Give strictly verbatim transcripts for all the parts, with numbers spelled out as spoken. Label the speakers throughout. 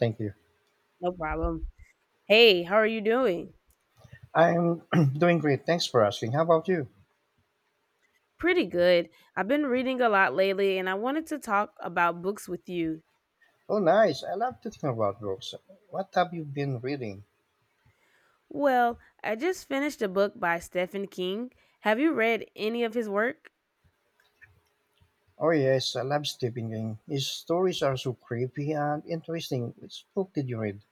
Speaker 1: Thank you.
Speaker 2: No problem. Hey, how are you doing?
Speaker 1: I'm doing great. Thanks for asking. How about you?
Speaker 2: Pretty good. I've been reading a lot lately and I wanted to talk about books with you.
Speaker 1: Oh, nice. I love to think about books. What have you been reading?
Speaker 2: Well, I just finished a book by Stephen King. Have you read any of his work?
Speaker 1: Oh, yes. I love Stephen King. His stories are so creepy and interesting. Which book did you read?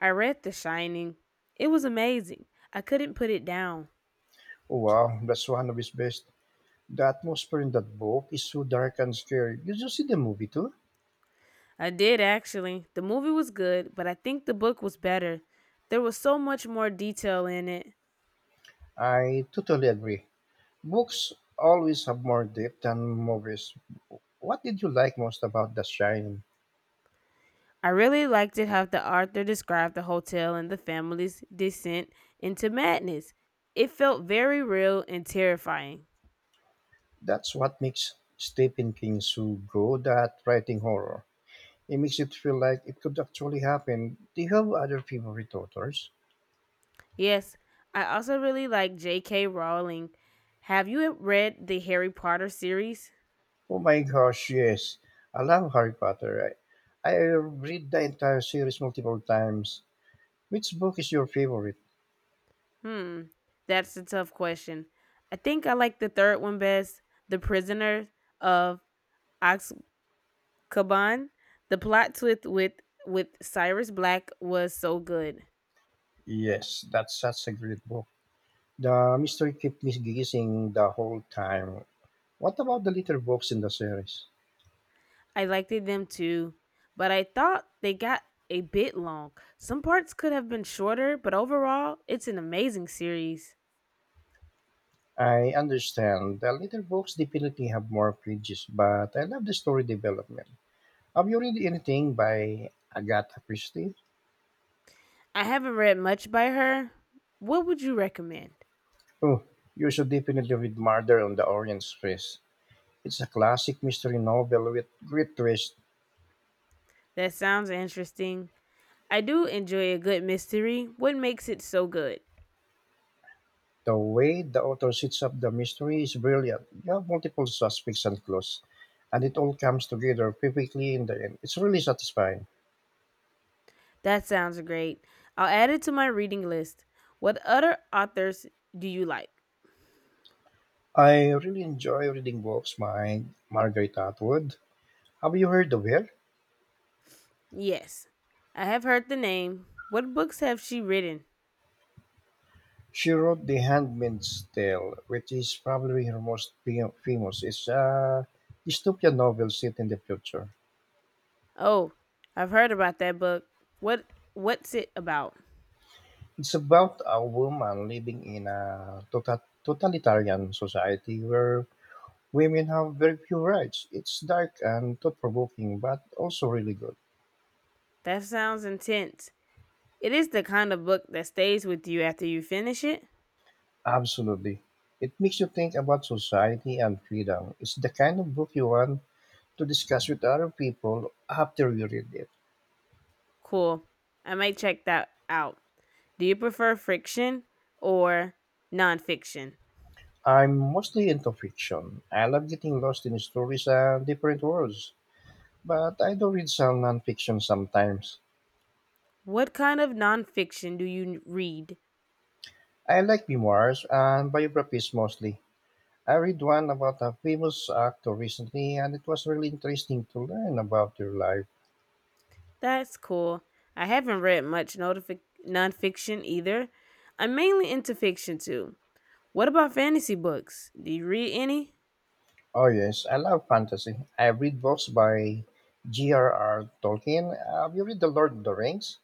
Speaker 2: I read The Shining. It was amazing. I couldn't put it down.
Speaker 1: Oh, wow. That's one of his best. The atmosphere in that book is so dark and scary. Did you see the movie too?
Speaker 2: I did actually. The movie was good, but I think the book was better. There was so much more detail in it.
Speaker 1: I totally agree. Books always have more depth than movies. What did you like most about The Shining?
Speaker 2: I really liked it how the author described the hotel and the family's descent into madness. It felt very real and terrifying.
Speaker 1: That's what makes Stephen King so good at writing horror. It makes it feel like it could actually happen. Do you have other favorite authors?
Speaker 2: Yes, I also really like J K. Rowling. Have you read the Harry Potter series?
Speaker 1: Oh my gosh, yes. I love Harry Potter. I, I read the entire series multiple times. Which book is your favorite?
Speaker 2: Hmm, that's a tough question. I think I like the third one best, The Prisoner of Azkaban. The plot twist with with Cyrus Black was so good.
Speaker 1: Yes, that's such a great book. The mystery kept me guessing the whole time. What about the little books in the series?
Speaker 2: I liked them too, but I thought they got a bit long. Some parts could have been shorter, but overall, it's an amazing series.
Speaker 1: I understand the little books definitely have more pages, but I love the story development. Have you read anything by Agatha Christie?
Speaker 2: I haven't read much by her. What would you recommend?
Speaker 1: Oh, you should definitely read Murder on the Orient Express. It's a classic mystery novel with great twist.
Speaker 2: That sounds interesting. I do enjoy a good mystery. What makes it so good?
Speaker 1: The way the author sets up the mystery is brilliant. You have multiple suspects and clues, and it all comes together perfectly in the end. It's really satisfying.
Speaker 2: That sounds great. I'll add it to my reading list. What other authors do you like?
Speaker 1: I really enjoy reading books by Margaret Atwood. Have you heard of her?
Speaker 2: Yes, I have heard the name. What books have she written?
Speaker 1: She wrote "The Handmaid's Tale", which is probably her most fa- famous. It's a dystopian novel set in the future.
Speaker 2: Oh, I've heard about that book. What what's it about?
Speaker 1: It's about a woman living in a tota- totalitarian society where women have very few rights. It's dark and thought provoking, but also really good.
Speaker 2: That sounds intense. It is the kind of book that stays with you after you finish it?
Speaker 1: Absolutely. It makes you think about society and freedom. It's the kind of book you want to discuss with other people after you read it.
Speaker 2: Cool. I might check that out. Do you prefer fiction or nonfiction?
Speaker 1: I'm mostly into fiction. I love getting lost in stories and different worlds, but I do read some nonfiction sometimes.
Speaker 2: What kind of nonfiction do you read?
Speaker 1: I like memoirs and biographies mostly. I read one about a famous actor recently, and it was really interesting to learn about their life.
Speaker 2: That's cool. I haven't read much notifi- nonfiction either. I'm mainly into fiction too. What about fantasy books? Do you read any?
Speaker 1: Oh, yes, I love fantasy. I read books by G R R. Tolkien. Have you read The Lord of the Rings?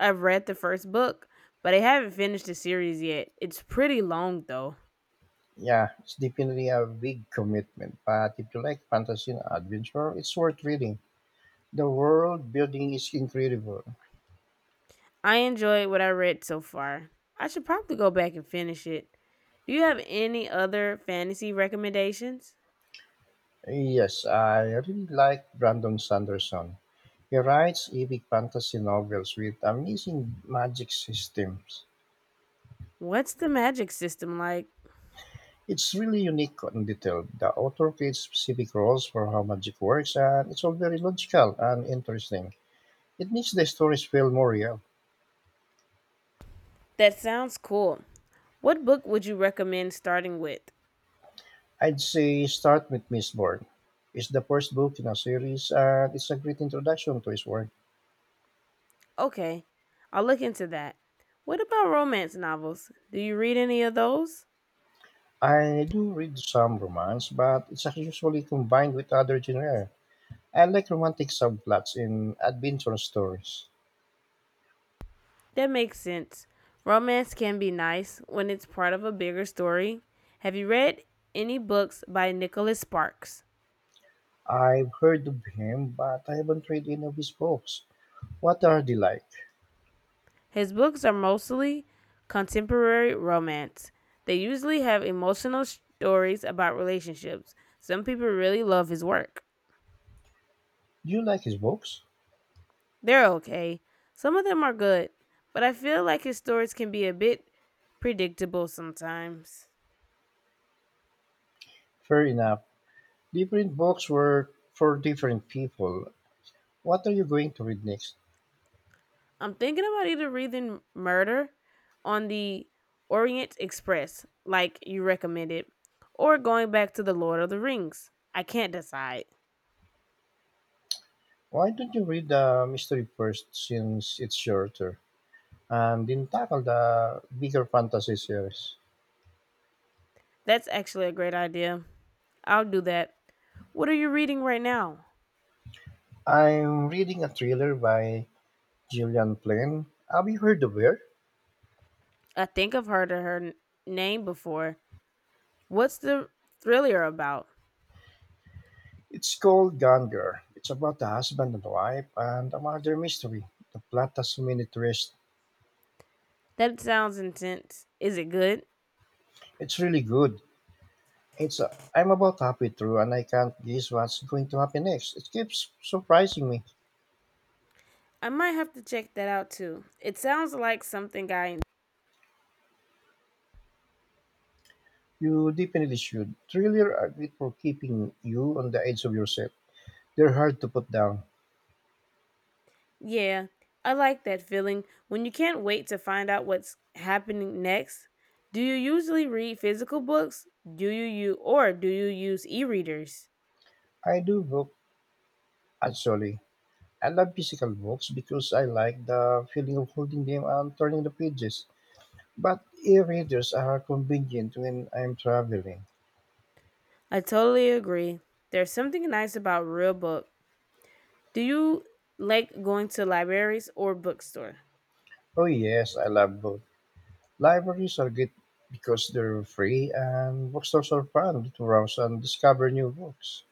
Speaker 2: I've read the first book, but I haven't finished the series yet. It's pretty long though.
Speaker 1: Yeah, it's definitely a big commitment, but if you like fantasy and adventure, it's worth reading. The world building is incredible.
Speaker 2: I enjoyed what I read so far. I should probably go back and finish it. Do you have any other fantasy recommendations?
Speaker 1: Yes, I really like Brandon Sanderson. He writes epic fantasy novels with amazing magic systems.
Speaker 2: What's the magic system like?
Speaker 1: It's really unique and detailed. The author creates specific rules for how magic works, and it's all very logical and interesting. It makes the stories feel more real.
Speaker 2: That sounds cool. What book would you recommend starting with?
Speaker 1: I'd say start with Mistborn. It's the first book in a series, and it's a great introduction to his work.
Speaker 2: Okay, I'll look into that. What about romance novels? Do you read any of those?
Speaker 1: I do read some romance, but it's usually combined with other genres. I like romantic subplots in adventure stories.
Speaker 2: That makes sense. Romance can be nice when it's part of a bigger story. Have you read any books by Nicholas Sparks?
Speaker 1: I've heard of him, but I haven't read any of his books. What are they like?
Speaker 2: His books are mostly contemporary romance. They usually have emotional stories about relationships. Some people really love his work.
Speaker 1: Do you like his books?
Speaker 2: They're okay. Some of them are good, but I feel like his stories can be a bit predictable sometimes.
Speaker 1: Fair enough. Different books were for different people. What are you going to read next?
Speaker 2: I'm thinking about either reading Murder on the Orient Express, like you recommended, or going back to The Lord of the Rings. I can't decide.
Speaker 1: Why don't you read the mystery first since it's shorter? And then tackle the bigger fantasy series.
Speaker 2: That's actually a great idea. I'll do that. What are you reading right now?
Speaker 1: I'm reading a thriller by Gillian Flynn. Have you heard of her?
Speaker 2: I think I've heard of her name before. What's the thriller about?
Speaker 1: It's called Gone Girl. It's about a husband and wife and a murder mystery. The plot has so many twists.
Speaker 2: That sounds intense. Is it good?
Speaker 1: It's really good. It's uh, I'm about halfway through and I can't guess what's going to happen next. It keeps surprising me.
Speaker 2: I might have to check that out too. It sounds like something I.
Speaker 1: You definitely should. Thriller are great for keeping you on the edge of your seat. They're hard to put down.
Speaker 2: Yeah, I like that feeling when you can't wait to find out what's happening next. Do you usually read physical books? Do you you or do you use e-readers?
Speaker 1: I do book actually. I love physical books because I like the feeling of holding them and turning the pages. But e-readers are convenient when I'm traveling.
Speaker 2: I totally agree. There's something nice about real book. Do you like going to libraries or bookstore?
Speaker 1: Oh yes, I love both. Libraries are good because they're free and bookstores are fun to browse and discover new books.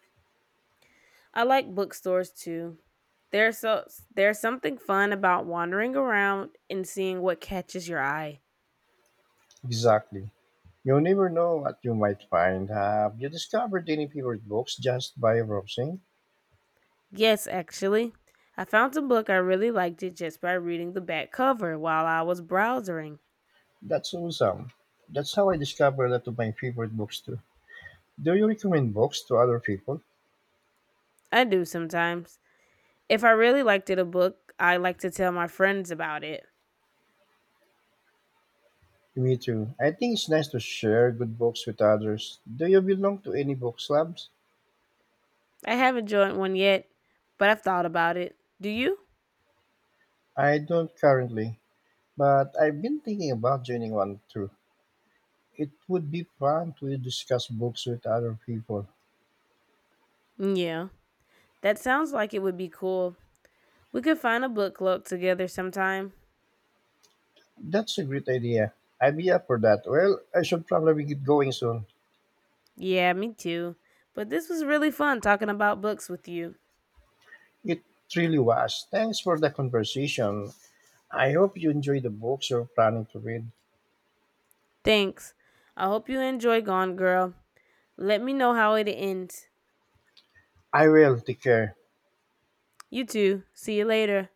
Speaker 2: I like bookstores too. There's so there's something fun about wandering around and seeing what catches your eye.
Speaker 1: Exactly. You'll never know what you might find. Have you discovered any favorite books just by browsing?
Speaker 2: Yes, actually. I found a book I really liked it just by reading the back cover while I was browsing.
Speaker 1: That's awesome. That's how I discovered a lot of my favorite books too. Do you recommend books to other people?
Speaker 2: I do sometimes. If I really liked it a book, I like to tell my friends about it.
Speaker 1: Me too. I think it's nice to share good books with others. Do you belong to any book clubs?
Speaker 2: I haven't joined one yet, but I've thought about it. Do you?
Speaker 1: I don't currently, but I've been thinking about joining one too. It would be fun to discuss books with other people.
Speaker 2: Yeah. That sounds like it would be cool. We could find a book club together sometime.
Speaker 1: That's a great idea. I'd be up for that. Well, I should probably get going soon.
Speaker 2: Yeah, me too. But this was really fun talking about books with you.
Speaker 1: It really was. Thanks for the conversation. I hope you enjoy the books you're planning to read.
Speaker 2: Thanks. I hope you enjoy Gone Girl. Let me know how it ends.
Speaker 1: I will. Take care.
Speaker 2: You too. See you later.